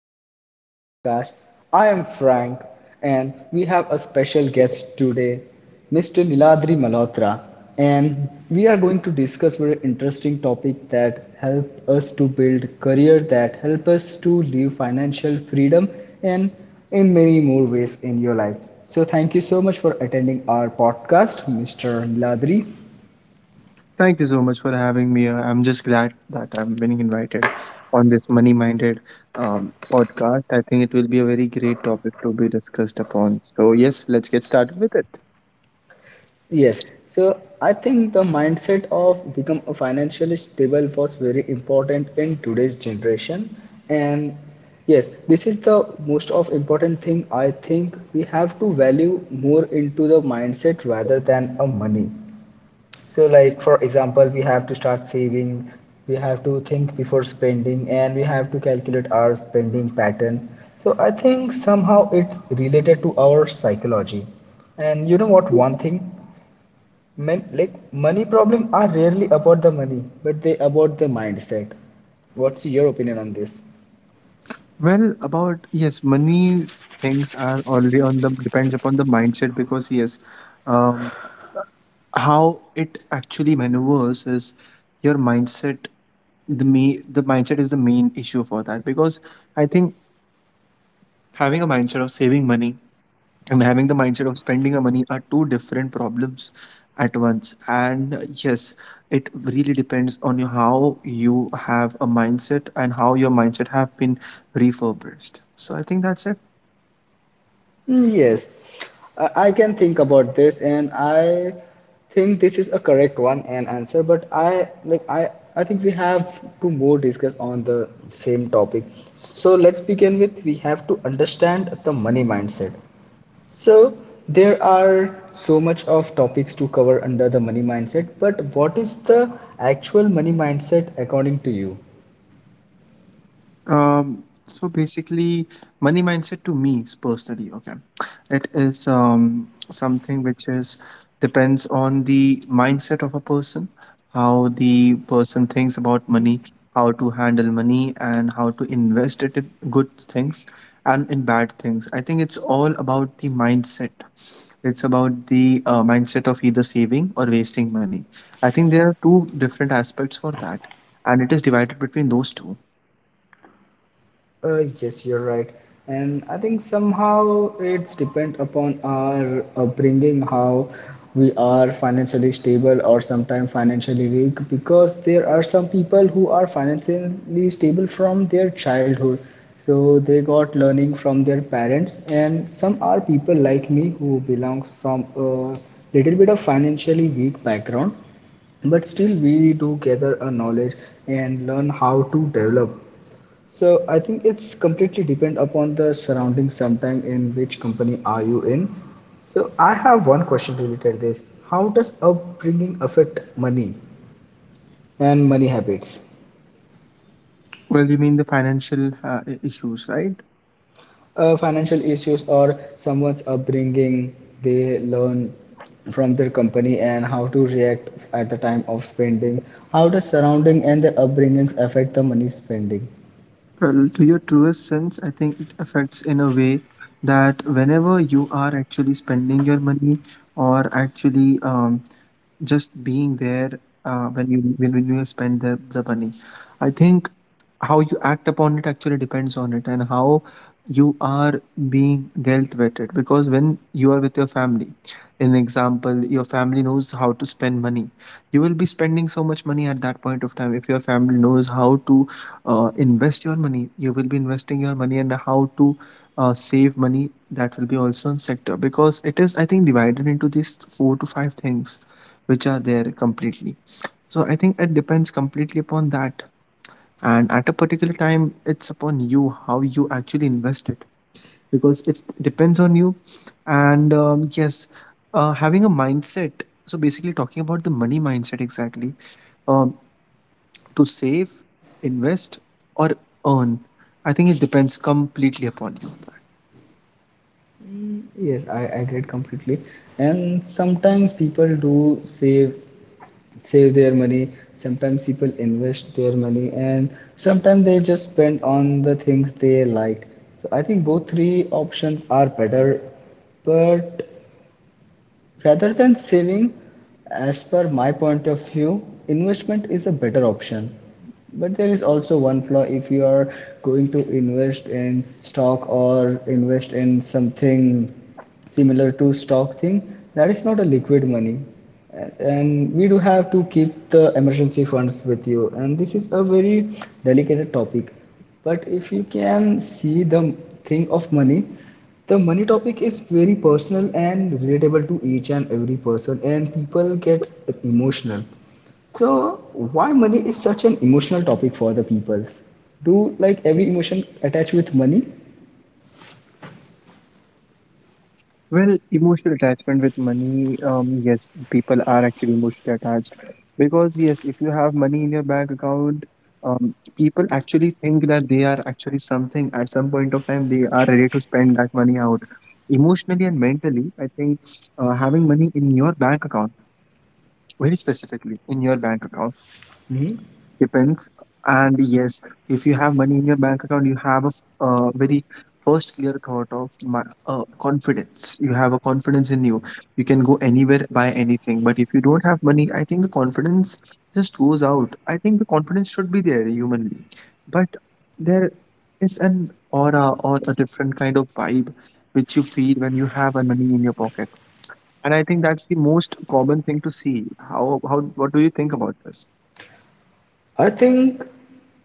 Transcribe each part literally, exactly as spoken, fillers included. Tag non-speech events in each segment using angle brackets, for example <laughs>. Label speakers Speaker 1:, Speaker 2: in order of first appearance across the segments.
Speaker 1: our another podcast. I am Frank and we have a special guest today, Mister Niladri Malhotra, and we are going to discuss very interesting topic that help us to build career that help us to live financial freedom and in many more ways in your life. So thank you so much for attending our podcast, Mister Niladri.
Speaker 2: Thank you so much for having me. Uh, I'm just glad that I'm being invited on this money minded um, podcast. I think it will be a very great topic to be discussed upon. So, yes, let's get started with it.
Speaker 1: Yes. So I think the mindset of become a financially stable was very important in today's generation. And yes, this is the most of important thing I think we have to value more into the mindset rather than a money. So like for example, we have to start saving, we have to think before spending, and we have to calculate our spending pattern. So I think somehow it's related to our psychology. And you know what, one thing? Men, like money problems are rarely about the money, but they about the mindset. What's your opinion on this?
Speaker 2: Well, about yes, money things are already on the depends upon the mindset because, yes, um, how it actually maneuvers is your mindset, the me the mindset is the main issue for that because I think having a mindset of saving money and having the mindset of spending a money are two different problems at once, and uh, yes, it really depends on you how you have a mindset and how your mindset have been refurbished. So I think that's it.
Speaker 1: Mm, Yes, I I can think about this, and I think this is a correct one and answer. But I like I I think we have to more discuss on the same topic. So let's begin with we have to understand the money mindset. So there are so much of topics to cover under the money mindset, but what is the actual money mindset according to you?
Speaker 2: Um, so basically, money mindset to me is personally, okay, it is um, something which is depends on the mindset of a person, how the person thinks about money, how to handle money, and how to invest it in good things and in bad things. I think it's all about the mindset. It's about the uh, mindset of either saving or wasting money. I think there are two different aspects for that, and it is divided between those two.
Speaker 1: Uh, yes, you're right. And I think somehow it's depend upon our upbringing, how we are financially stable or sometimes financially weak, because there are some people who are financially stable from their childhood. So they got learning from their parents, and some are people like me who belongs from a little bit of financially weak background but still we do gather a knowledge and learn how to develop so I think it's completely depend upon the surrounding sometime in which company are you in. So I have one question related to this. How does upbringing affect money and money habits?
Speaker 2: Well, you mean the financial uh, i- issues, right?
Speaker 1: Uh, financial issues or someone's upbringing, they learn from their company and how to react at the time of spending. How does surrounding and their upbringings affect the money spending?
Speaker 2: Well, to your truest sense, I think it affects in a way that whenever you are actually spending your money or actually um, just being there uh, when you when, when you spend the, the money, I think how you act upon it actually depends on it and how you are being dealt with it. Because when you are with your family, in example, your family knows how to spend money. You will be spending so much money at that point of time. If your family knows how to uh, invest your money, you will be investing your money, and how to uh, save money, that will be also in sector because it is, I think, divided into these four to five things which are there completely. So I think it depends completely upon that, and at a particular time it's upon you how you actually invest it because it depends on you. And um, yes, uh, having a mindset, so basically talking about the money mindset exactly, um, to save, invest, or earn? I think it depends completely upon you.
Speaker 1: Yes, I agree completely. And sometimes people do save save their money sometimes people invest their money and sometimes they just spend on the things they like so I think both three options are better but rather than saving, as per my point of view, investment is a better option. But there is also one flaw if you are going to invest in stock or invest in something similar to stock thing, that is not a liquid money. And we do have to keep the emergency funds with you. And this is a very delicate topic. But if you can see the thing of money, the money topic is very personal and relatable to each and every person, and people get emotional. So, why money is such an emotional topic for the people? Do like every emotion attached with money?
Speaker 2: Well, emotional attachment with money, um, yes, people are actually emotionally attached because yes, if you have money in your bank account, um, people actually think that they are actually something. At some point of time they are ready to spend that money out. Emotionally and mentally, I think uh, having money in your bank account, very specifically in your bank account,
Speaker 1: Hmm.
Speaker 2: depends. And yes, if you have money in your bank account you have a f- uh, very first clear thought of my, uh, confidence. You have a confidence in you. You can go anywhere, buy anything. But if you don't have money, I think the confidence just goes out. I think the confidence should be there humanly, but there is an aura or a different kind of vibe which you feel when you have a money in your pocket. And I think that's the most common thing to see. how how what do you think about this?
Speaker 1: I think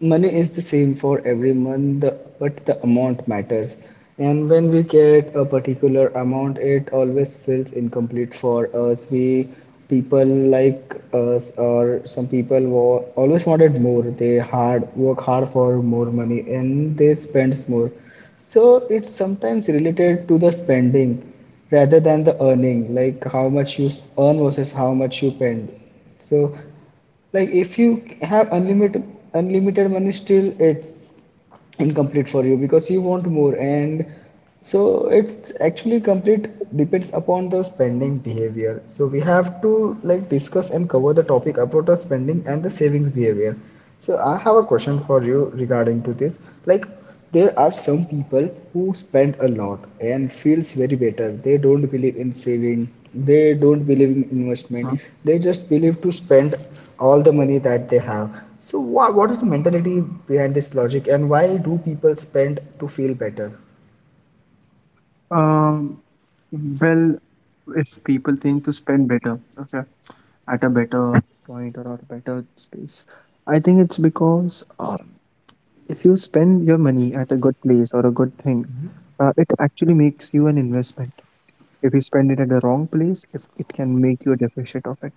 Speaker 1: money is the same for everyone, the, but the amount matters. And when we get a particular amount, it always feels incomplete for us. We people like us or some people wa- always wanted more. They hard work hard for more money and they spends more. So it's sometimes related to the spending rather than the earning, like how much you s- earn versus how much you spend. So like if you have unlimited unlimited money, still it's incomplete for you because you want more and so it's actually complete depends upon the spending behavior so we have to like discuss and cover the topic about the spending and the savings behavior so I have a question for you regarding to this like there are some people who spend a lot and feels very better. They don't believe in saving. They don't believe in investment.
Speaker 2: Mm-hmm.
Speaker 1: They just believe to spend all the money that they have. So wha what is the mentality behind this logic and why do people spend to feel better?
Speaker 2: Um, well, if people think to spend better, okay, at a better point or at a better space, I think it's because uh, if you spend your money at a good place or a good thing, uh, it actually makes you an investment. If you spend it at the wrong place, if it can make you a deficit of it.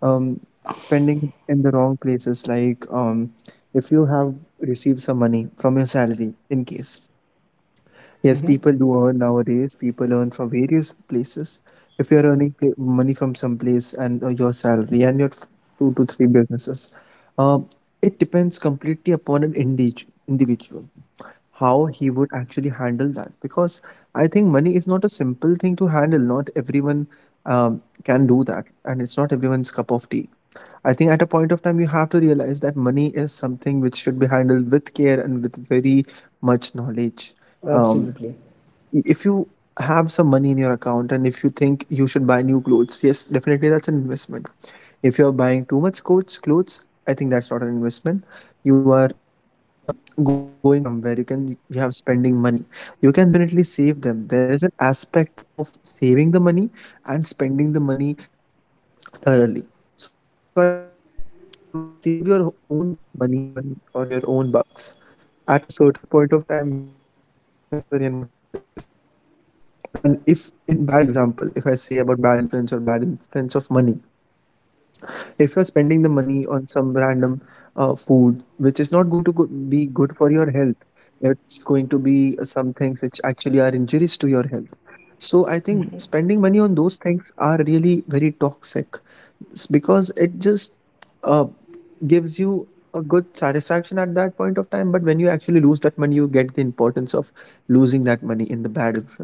Speaker 2: um, Spending in the wrong places, like um, if you have received some money from your salary, in case, yes,
Speaker 1: Hmm.
Speaker 2: people do earn nowadays, people earn from various places. If you're earning pla- money from some place and uh, your salary and your f- two to three businesses, um, it depends completely upon an individu- individual how he would actually handle that because I think money is not a simple thing to handle. Not everyone um, can do that, and it's not everyone's cup of tea. I think at a point of time, you have to realize that money is something which should be handled with care and with very much knowledge. Um,
Speaker 1: Absolutely.
Speaker 2: if you have some money in your account and if you think you should buy new clothes, yes, definitely that's an investment. If you're buying too much clothes, clothes, I think that's not an investment. You are um, going somewhere. You can you have spending money. You can definitely save them. There is an aspect of saving the money and spending the money thoroughly. So I think you can save your own money on, or your own bucks, at a certain point of time when you think what is necessary and what is not. And if, in bad example, if I say about bad influence or bad influence of money, if you're spending the money on some random uh, food which is not going to go- be good for your health, it's going to be some things which actually are injuries to your health. So I think spending money on those things are really very toxic, s- because it just uh, gives you a good satisfaction at that point of time, but when you actually lose that money, you get the importance of losing that money in the bad influence.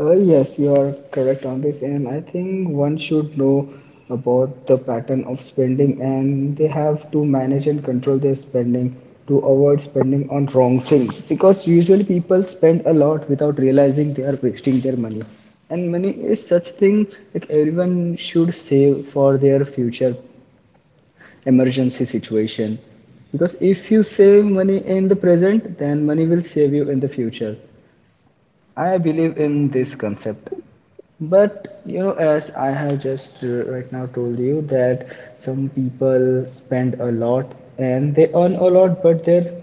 Speaker 1: Uh, yes, you are correct on this, and I think one should know about the pattern of spending, and they have to manage and control their spending to avoid spending on wrong things because usually people spend a lot without realizing they are wasting their money. And money is such thing like everyone should save for their future emergency situation because if you save money in the present, then money will save you in the future. I believe in this concept. But you know, as I have just uh, right now told you that some people spend a lot and they earn a lot, but their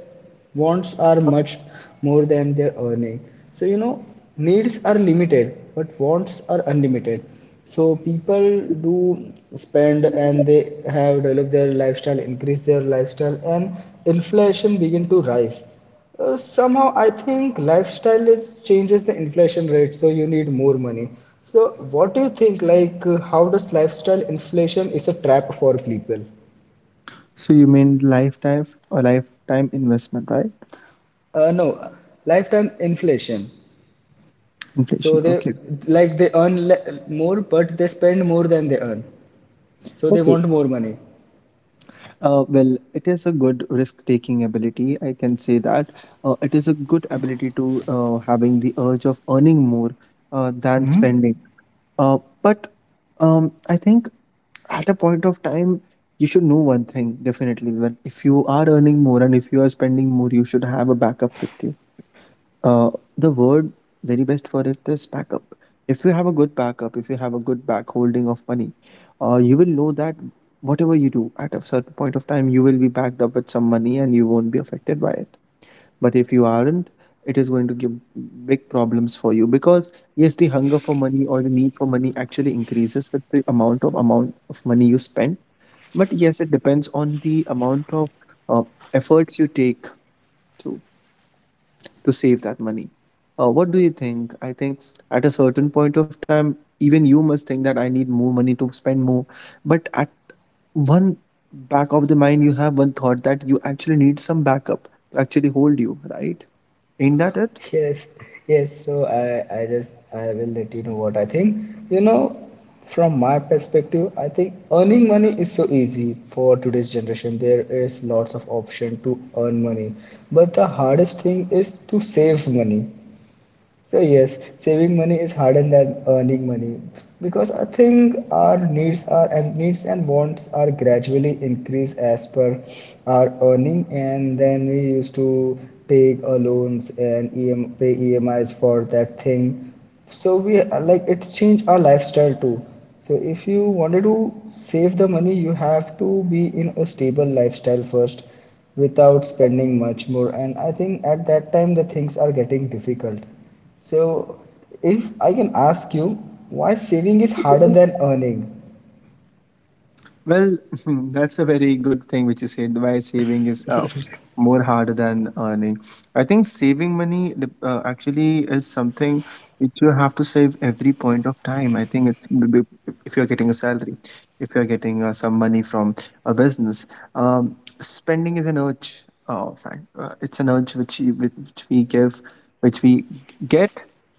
Speaker 1: wants are much more than their earning. So you know, needs are limited, but wants are unlimited. So people do spend and they have developed their lifestyle, increase their lifestyle, and inflation begin to rise uh, somehow I think lifestyle is changes the inflation rate so you need more money so what do you think like uh, how does lifestyle inflation is a trap for people
Speaker 2: So you mean lifetime or lifetime investment, right?
Speaker 1: uh, no lifetime inflation so
Speaker 2: Inflation.
Speaker 1: they
Speaker 2: Okay.
Speaker 1: like they earn le- more but they spend more than they earn so they
Speaker 2: Okay.
Speaker 1: want more money.
Speaker 2: Uh, well, it is a good risk-taking ability. I can say that uh, it is a good ability to uh, having the urge of earning more uh, than
Speaker 1: Hmm?
Speaker 2: spending. Uh, but um, I think at a point of time you should know one thing definitely: that if you are earning more and if you are spending more, you should have a backup with you. uh, the word very best for it is backup. If you have a good backup, if you have a good back holding of money, uh, you will know that whatever you do at a certain point of time, you will be backed up with some money and you won't be affected by it. But if you aren't, it is going to give big problems for you because yes, the hunger for money or the need for money actually increases with the amount of amount of money you spend. But yes, it depends on the amount of uh, efforts you take to to save that money. Uh, what do you think? I think at a certain point of time, even you must think that I need more money to spend more, but at one back of the mind you have one thought that you actually need some backup to actually hold you, right? Ain't that it?
Speaker 1: Yes, yes. So I, I just I will let you know what I think. You know, from my perspective, I think earning money is so easy for today's generation. There is lots of option to earn money, but the hardest thing is to save money. So yes, saving money is harder than earning money because I think our needs are and needs and wants are gradually increased as per our earning, and then we used to take a loans and E M, pay E M Is for that thing. So we like it changed our lifestyle too. So if you wanted to save the money, you have to be in a stable lifestyle first without spending much more. And I think at that time the things are getting difficult. So, if I can ask you, why saving is harder than earning?
Speaker 2: Well, <laughs> that's a very good thing which you said, why saving is uh, more harder than earning. I think saving money dep- uh, actually is something which you have to save every point of time. I think it's b- b- if you're getting a salary, if you're getting uh, some money from a business, um, spending is an urge. Oh, fact, uh, it's an urge which you, which we give, which we get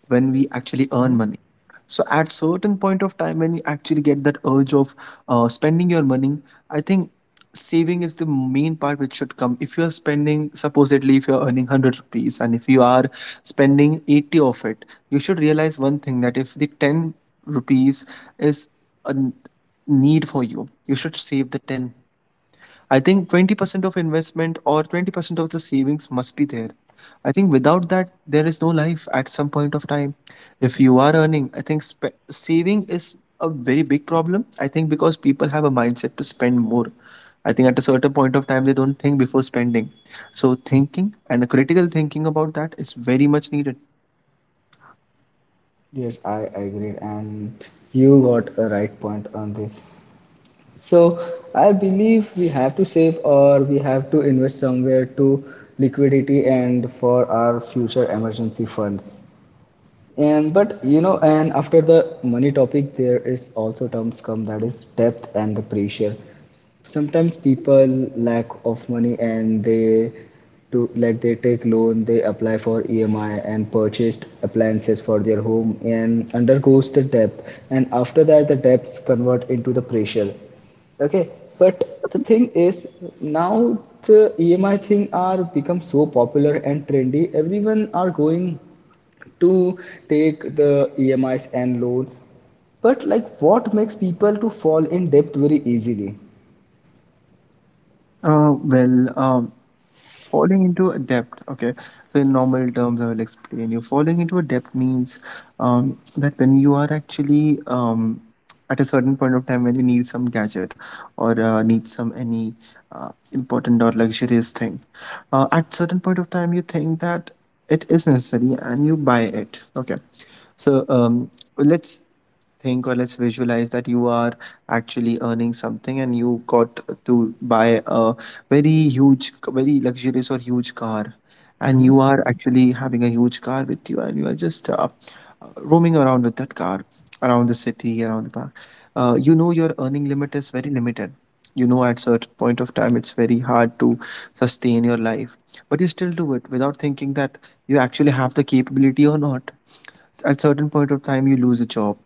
Speaker 2: when we actually earn
Speaker 1: Hmm.
Speaker 2: money. So at certain point of time when you actually get that urge of uh, spending your money, I think saving is the main part which should come. If you are spending, supposedly, if you are earning one hundred rupees, and if you are spending eighty of it, you should realize one thing: that if the ten rupees is a n- need for you, you should save the ten. I think twenty percent of investment or twenty percent of the savings must be there. I think without that, there is no life at some point of time. If you are earning, I think spe- saving is a very big problem. I think because people have a mindset to spend more. I think at a certain point of time, they don't think before spending. So, thinking and the critical thinking about that is very much needed.
Speaker 1: Yes, I agree, and you got a right point on this. So, I believe we have to save or we have to invest somewhere to liquidity and for our future emergency funds. And but you know, and after the money topic, there is also terms come that is depth and the pressure. Sometimes people lack of money and they to like they take loan, they apply for E M I and purchased appliances for their home and undergoes the depth. And after that, the debts convert into the pressure. Okay, but the thing is now the E M I thing are become so popular and trendy. Everyone are going to take the E M Is and loan. But like what makes people to fall in debt very easily?
Speaker 2: Uh, well, um, falling into a debt. Okay, so in normal terms, I will explain you. Falling into a debt means um, that when you are actually um, at a certain point of time when you need some gadget or uh, need some any uh, important or luxurious thing uh, at certain point of time you think that it is necessary and you buy it, okay. So um, let's think, or let's visualize, that you are actually earning something and you got to buy a very huge, very luxurious or huge car, and you are actually having a huge car with you and you are just uh, roaming around with that car around the city, around the park. Uh, you know your earning limit is very limited. You know at certain point of time it's very hard to sustain your life, but you still do it without thinking that you actually have the capability or not. S- at certain point of time you lose a job.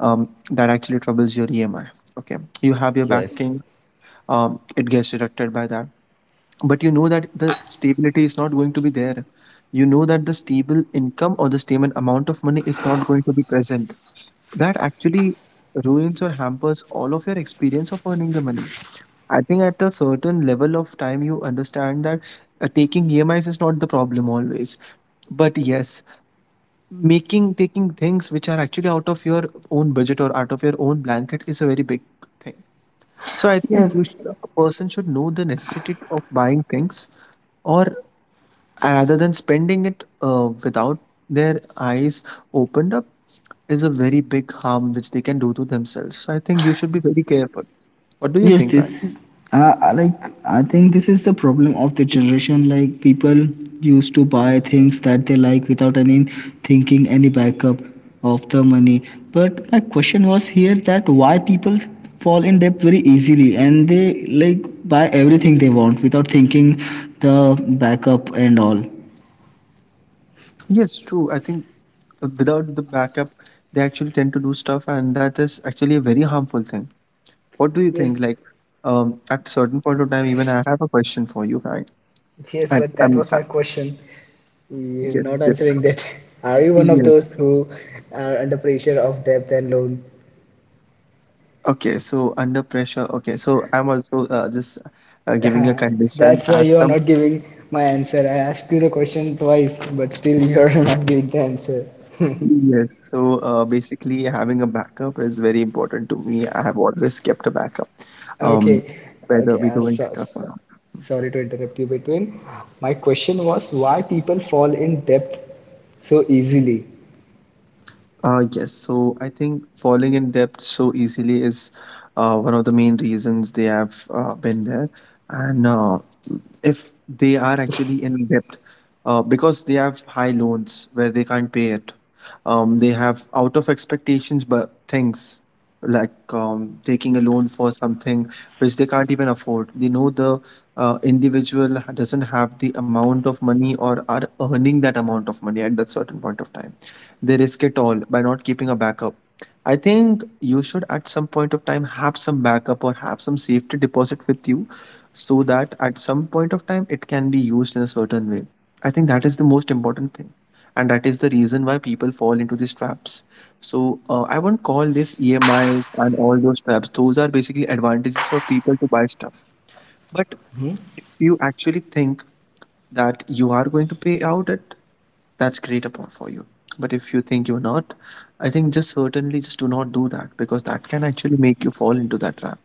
Speaker 2: um, That actually troubles your emi. Okay, you have your
Speaker 1: Yes.
Speaker 2: backing, um, it gets deducted by that, but you know that the stability is not going to be there. You know that the stable income or the stable amount of money is not going to be present. That actually ruins or hampers all of your experience of earning the money. I think at a certain level of time, you understand that uh, taking EMIs is is not the problem always. But yes, making, taking things which are actually out of your own budget or out of your own blanket is a very big thing. So I think
Speaker 1: Yes,
Speaker 2: you should, a person should know the necessity of buying things, or rather than spending it uh, without their eyes opened up is a very big harm which they can do to themselves. So I think you should be very careful. What do you
Speaker 1: yes,
Speaker 2: think, Ryan?
Speaker 1: this is uh, uh, like I think this is the problem of the generation. Like people used to buy things that they like without any thinking, any backup of the money. But my question was here that why people fall in debt very easily and they like buy everything they want without thinking the backup and all.
Speaker 2: Yes, true. I think uh, without the backup, they actually tend to do stuff, and that is actually a very harmful thing. What do you
Speaker 1: Yes,
Speaker 2: think? Like, um, at certain point of time, even I have a question for you, Ryan.
Speaker 1: yes,
Speaker 2: At,
Speaker 1: but that
Speaker 2: um,
Speaker 1: was
Speaker 2: uh,
Speaker 1: my question. You're
Speaker 2: yes,
Speaker 1: not
Speaker 2: yes,
Speaker 1: answering that. <laughs> Are you one of those
Speaker 2: yes.
Speaker 1: who are under pressure of debt and loan? <laughs>
Speaker 2: Okay, so under pressure. Okay, so I'm also uh, just uh, giving a
Speaker 1: Uh,
Speaker 2: condition
Speaker 1: That's why
Speaker 2: at
Speaker 1: you are
Speaker 2: some.
Speaker 1: not giving my answer. I asked you the question twice, but still you are <laughs> not giving the answer. <laughs>
Speaker 2: Yes, so uh, basically, having a backup is very important to me. I have always kept a backup, um,
Speaker 1: Okay,
Speaker 2: whether
Speaker 1: okay.
Speaker 2: we're
Speaker 1: Uh,
Speaker 2: doing
Speaker 1: so,
Speaker 2: stuff or not.
Speaker 1: sorry to interrupt you between. My question was why people fall in debt so easily.
Speaker 2: Uh, yes, so I think falling in debt so easily is uh, one of the main reasons they have uh, been there. And uh, if they are actually in debt uh, because they have high loans where they can't pay it, um, they have out of expectations, but things like um, taking a loan for something which they can't even afford. They know the uh, individual doesn't have the amount of money or are earning that amount of money at that certain point of time. They risk it all by not keeping a backup. I think you should at some point of time have some backup or have some safety deposit with you so that at some point of time it can be used in a certain way. I think that is the most important thing. And that is the reason why people fall into these traps. So uh, I won't call this E M Is and all those traps. Those are basically advantages for people to buy stuff. But
Speaker 1: Hmm?
Speaker 2: if you actually think that you are going to pay out it, that's great upon for you. But if you think you're not, I think just certainly just do not do that, because that can actually make you fall into that trap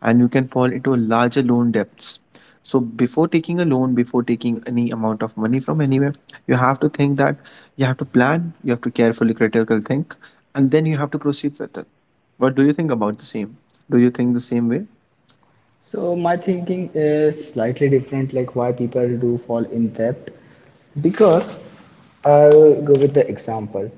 Speaker 2: and you can fall into larger loan debts. So before taking a loan, before taking any amount of money from anywhere, you have to think that, you have to plan, you have to carefully critical think, and then you have to proceed with it. What do you think about the same? Do you think the same way?
Speaker 1: So my thinking is slightly different, like why people do fall in debt. Because I'll go with the example.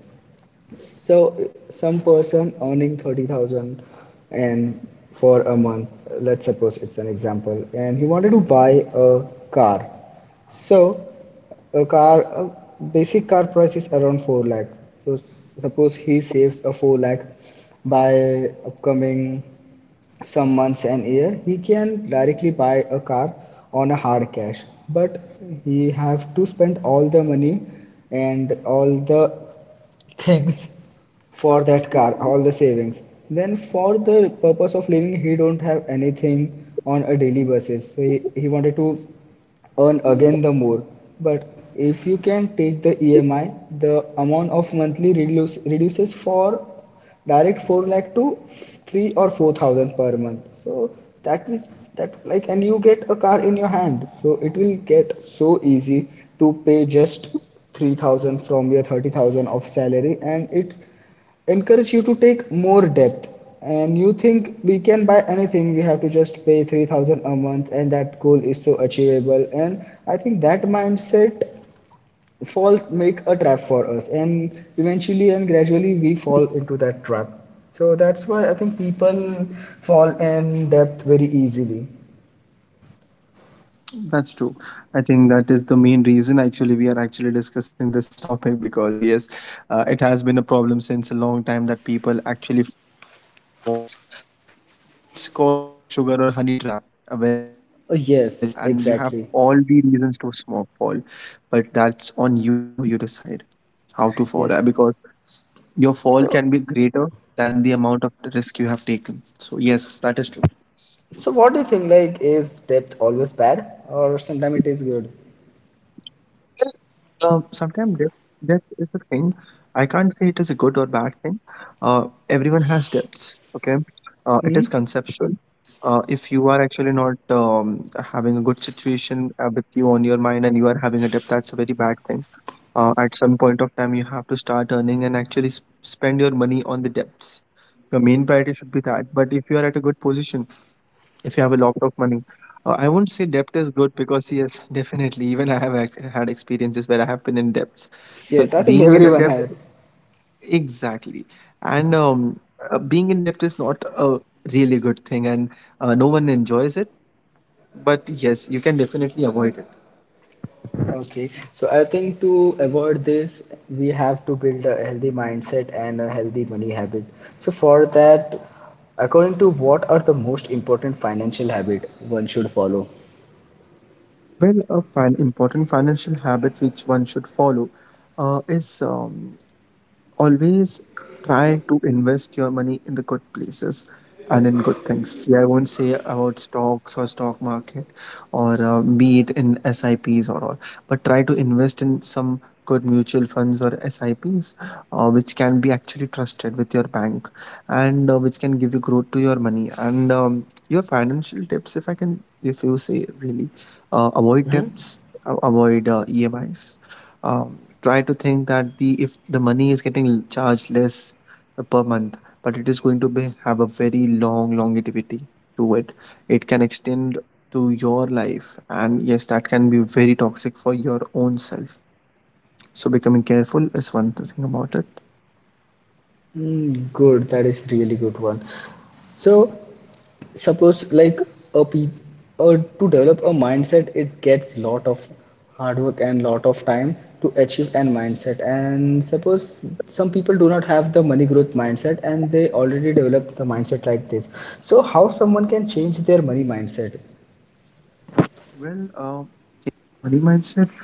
Speaker 1: So some person earning thirty thousand and for a month, let's suppose it's an example, and he wanted to buy a car. So a car, a basic car price is around four lakh. So s- suppose he saves a four lakh by upcoming some months and year, he can directly buy a car on a hard cash. But he have to spend all the money and all the things for that car all the savings then for the purpose of living he don't have anything on a daily basis so he, he wanted to earn again the more but if you can take the emi the amount of monthly reduce, reduces for direct four lakh to three or four thousand per month so that means that like and you get a car in your hand so it will get so easy to pay just three thousand from your thirty thousand of salary and it encourage you to take more debt and you think we can buy anything we have to just pay three thousand a month and that goal is so achievable and I think that mindset fall, make a trap for us, and eventually and gradually we fall into that trap. So that's why I think people fall in depth very easily.
Speaker 2: That's true. I think that is the main reason actually we are actually discussing this topic, because yes, uh, it has been a problem since a long time that people actually fall into these traps. Um, I think it's called like a sugar or honey trap uh, where you can fall
Speaker 1: Oh,
Speaker 2: easily uh,
Speaker 1: yes,
Speaker 2: and you have
Speaker 1: exactly.
Speaker 2: all the reasons to smoke fall, but that's on you how you decide how to fall
Speaker 1: Yes.
Speaker 2: uh, because your fall
Speaker 1: So,
Speaker 2: can be greater than the amount of risk you have taken. So yes, that is true.
Speaker 1: so what do you think? Like, is depth always bad, or sometimes it is good?
Speaker 2: Um, sometimes depth, depth is a thing. I can't say it is a good or bad thing. Uh, everyone has depths, okay? Uh, it
Speaker 1: Hmm?
Speaker 2: is conceptual. Uh, if you are actually not um, having a good situation uh, with you on your mind and you are having a depth, that's a very bad thing. Uh, at some point of time, you have to start earning and actually s spend your money on the debts. Your main priority should be that. But if you are at a good position, if you have a lot of money, uh, I won't say debt is good, because yes, <laughs> definitely even I have ex- had experiences where I have been in debts. So
Speaker 1: Yes, I think
Speaker 2: being in a
Speaker 1: everyone
Speaker 2: debt,
Speaker 1: has.
Speaker 2: exactly, and um, uh, being in debt is not a really good thing, and uh, no one enjoys it, but yes, you can definitely avoid it.
Speaker 1: Okay, so I think to avoid this, we have to build a healthy mindset and a healthy money habit. So for that, according to what are the most important financial habit one should follow?
Speaker 2: Well, a fin- important financial habit which one should follow uh, is um, always try to invest your money in the good places and in good things. See, I won't say about stocks or stock market or uh, be it in S I Ps or all, but try to invest in some good mutual funds or S I Ps, uh, which can be actually trusted with your bank and uh, which can give you growth to your money. And um, your financial tips, if I can, if you say really, uh, avoid debts, a- avoid uh, E M Is. Um, try to think that the if the money is getting charged less uh, per month, but it is going to be have a very long longevity to it, it can extend to your life, and yes, that can be very toxic for your own self. So becoming careful is one thing about it.
Speaker 1: Mm, good. That is really good one. So suppose like a pe or to develop a mindset, it gets lot of hard work and lot of time to achieve an mindset. And suppose some people do not have the money growth mindset and they already develop the mindset like this. So how someone can change their money mindset?
Speaker 2: Well, uh, money mindset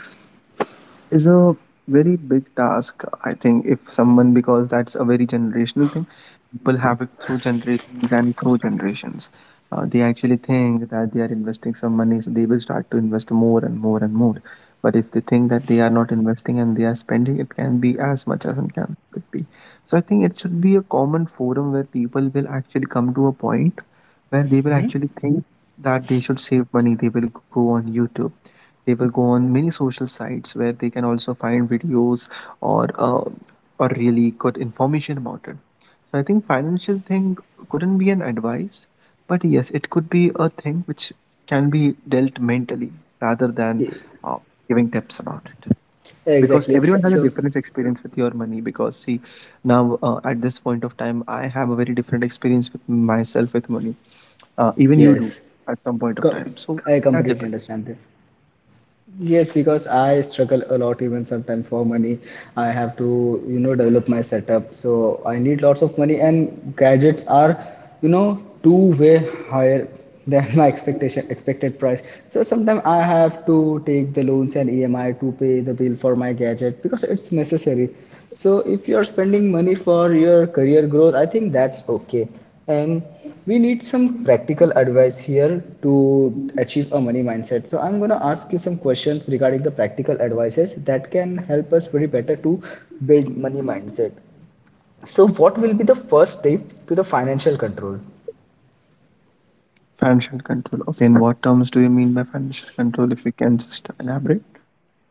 Speaker 2: is a very big task. I think if someone, because that's a very generational thing, people have it through generations and through generations. Uh, they actually think that they are investing some money, so they will start to invest more and more and more, but if they think that they are not investing and they are spending, it can be as much as it can could be. So I think it should be a common forum where people will actually come to a point where they will actually think that they should save money. They will go on YouTube, they will go on many social sites where they can also find videos or uh, or really good information about it. So I think financial thing couldn't be an advice, but yes, it could be a thing which can be dealt mentally rather than
Speaker 1: E-
Speaker 2: uh, giving tips about it. Because
Speaker 1: Exactly.
Speaker 2: everyone has a
Speaker 1: So
Speaker 2: different experience with your money. Because see, now uh, at this point of time, I have a very different experience with myself with money. Uh, even you do
Speaker 1: yes,
Speaker 2: at some point of
Speaker 1: co
Speaker 2: time. So
Speaker 1: I
Speaker 2: that's
Speaker 1: completely
Speaker 2: different.
Speaker 1: understand this. Yes, because I struggle a lot even sometimes for money. I have to, you know, develop my setup. So I need lots of money and gadgets are, you know, two way higher than <laughs> my expectation expected price. So sometimes I have to take the loans and E M I to pay the bill for my gadget because it's necessary. So if you're spending money for your career growth, I think that's okay. And we need some practical advice here to achieve a money mindset, so I'm going to ask you some questions regarding the practical advices that can help us very better to build money mindset. So what will be the first step to the financial control?
Speaker 2: Financial control. Okay, in what terms do you mean by financial control? If you can just elaborate.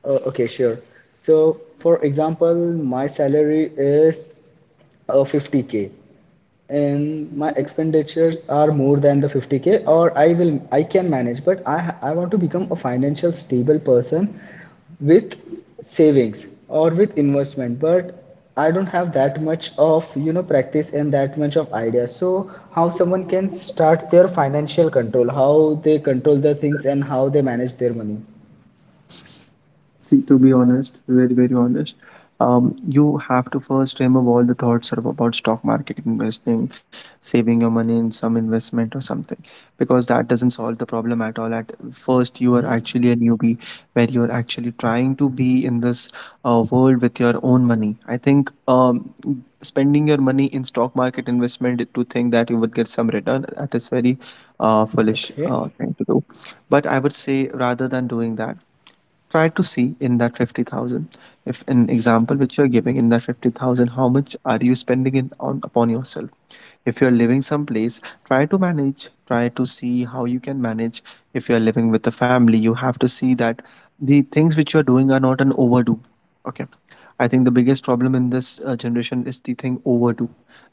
Speaker 1: Uh, okay, sure. So, for example, my salary is uh, fifty k and my expenditures are more than the fifty k, or I will I can manage, but I I want to become a financial stable person with savings or with investment, but I don't have that much of, you know, practice and that much of idea. So, how someone can start their financial control, how they control the things and how they manage their money.
Speaker 2: See, to be honest, very, very honest, um, you have to first remove all the thoughts of about stock market investing, saving your money in some investment or something, because that doesn't solve the problem at all. At first, you are actually a newbie where you're actually trying to be in this uh, world with your own money. I think um, spending your money in stock market investment to think that you would get some return, that is very uh, foolish
Speaker 1: Okay.
Speaker 2: uh, thing to do. But I would say rather than doing that, try to see in that fifty thousand, if an example which you're giving, in that fifty thousand how much are you spending in on upon yourself. If you're living someplace, try to manage, try to see how you can manage. If you're living with a family, you have to see that the things which you're doing are not an overdo, okay? I think the biggest problem in this uh, generation is the thing overdo,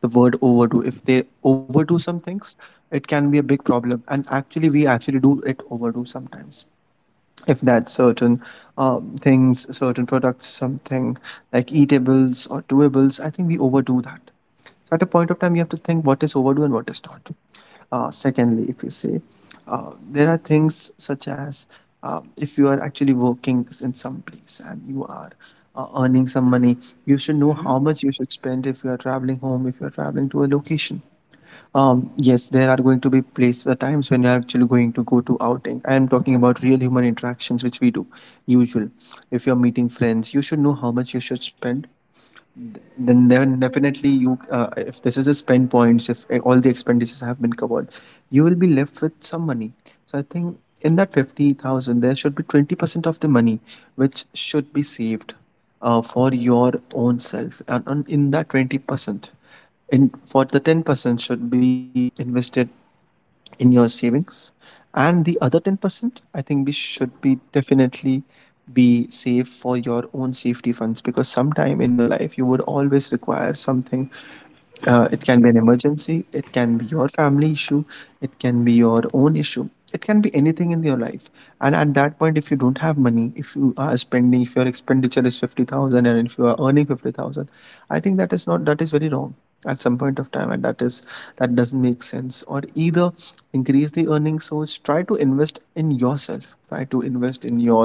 Speaker 2: the word overdo. If they overdo some things, it can be a big problem, and actually we actually do it overdo sometimes. If that's certain um, things, certain products, something like eatables or doables, I think we overdo that. So at a point of time, you have to think what is overdue and what is not. Uh, secondly, if you say uh, there are things such as uh, if you are actually working in some place and you are uh, earning some money, you should know how much you should spend if you are traveling home, if you are traveling to a location. Um, yes, there are going to be place uh, times when you're actually going to go to outing. I am talking about real human interactions which we do usual. If you're meeting friends, you should know how much you should spend. Then then definitely you, uh, if this is a spend points, if uh, all the expenditures have been covered, you will be left with some money. So I think in that fifty thousand there should be twenty percent of the money which should be saved uh, for your own self, and, and in that twenty percent, in for the ten percent should be invested in your savings, and the other ten percent I think we should be definitely be safe for your own safety funds, because sometime in your life you would always require something. Uh, it can be an emergency, it can be your family issue, it can be your own issue, it can be anything in your life. And at that point, if you don't have money, if you are spending, if your expenditure is fifty thousand and if you are earning fifty thousand, I think that is not, that is very wrong at some point of time, and that is, that doesn't make sense. Or either increase the earning source, try to invest in yourself, try to invest in your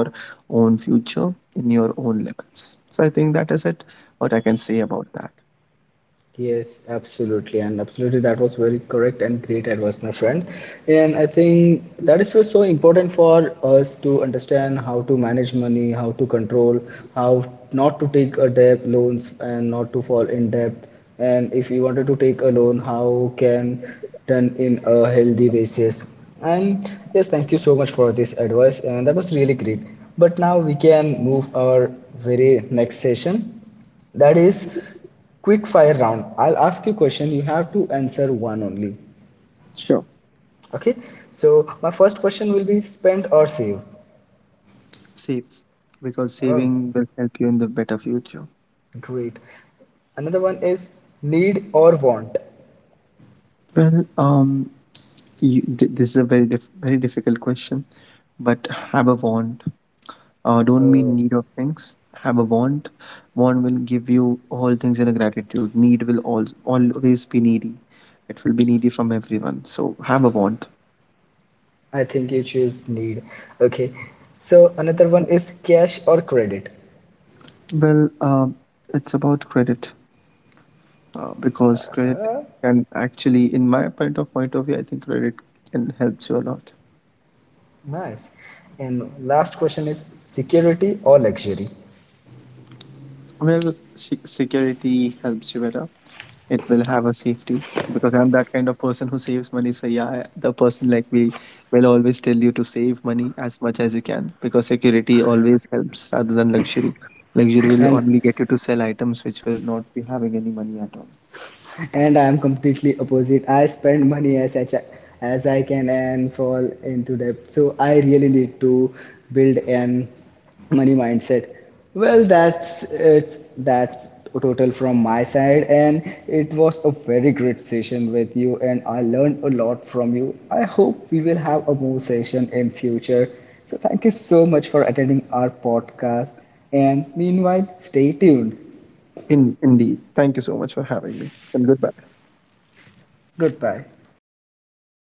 Speaker 2: own future, in your own levels. So I think that is it, what I can say about that.
Speaker 1: Yes, absolutely, and absolutely, that was very correct and great advice, my friend. And I think that is what's so important for us to understand how to manage money, how to control, how not to take a debt loans and not to fall in debt. And if we wanted to take a loan, how can done in a healthy basis. And yes, thank you so much for this advice, and that was really great. But now we can move our very next session, that is quick fire round. I'll ask you question, you have to answer one only.
Speaker 2: Sure.
Speaker 1: Okay, so my first question will be spend or save?
Speaker 2: Save, because
Speaker 1: Oh,
Speaker 2: saving will help you in the better future.
Speaker 1: great. Another one is need or want?
Speaker 2: Well, um you, th- this is a very diff- very difficult question, but have a want. Uh, don't be
Speaker 1: Oh,
Speaker 2: in need of things, have a want. Want will give you all things in a gratitude. Need will al- always be needy. It will be needy from everyone, so have a want.
Speaker 1: I think you choose need. Okay, so another one is cash or credit?
Speaker 2: Well, um, it's about credit, uh, because credit
Speaker 1: uh,
Speaker 2: can actually, in my point of point of view, I think credit can helps you a lot.
Speaker 1: Nice. And last question is security or luxury?
Speaker 2: Well, se- security helps you better. It will have a safety, because I'm that kind of person who saves money. So yeah, the person like me will always tell you to save money as much as you can, because security always helps rather than luxury. Luxury
Speaker 1: and
Speaker 2: will only get you to sell items which will not be having any money at all.
Speaker 1: and I am completely opposite. I spend money as I, as I can and fall into debt. So I really need to build an money mindset. Well, that's it's that's total from my side, and it was a very great session with you, and I learned a lot from you. I hope we will have a more session in future. So thank you so much for attending our podcast, and meanwhile, stay tuned.
Speaker 2: In indeed, thank you so much for having me, and goodbye.
Speaker 1: Goodbye.
Speaker 2: Yeah.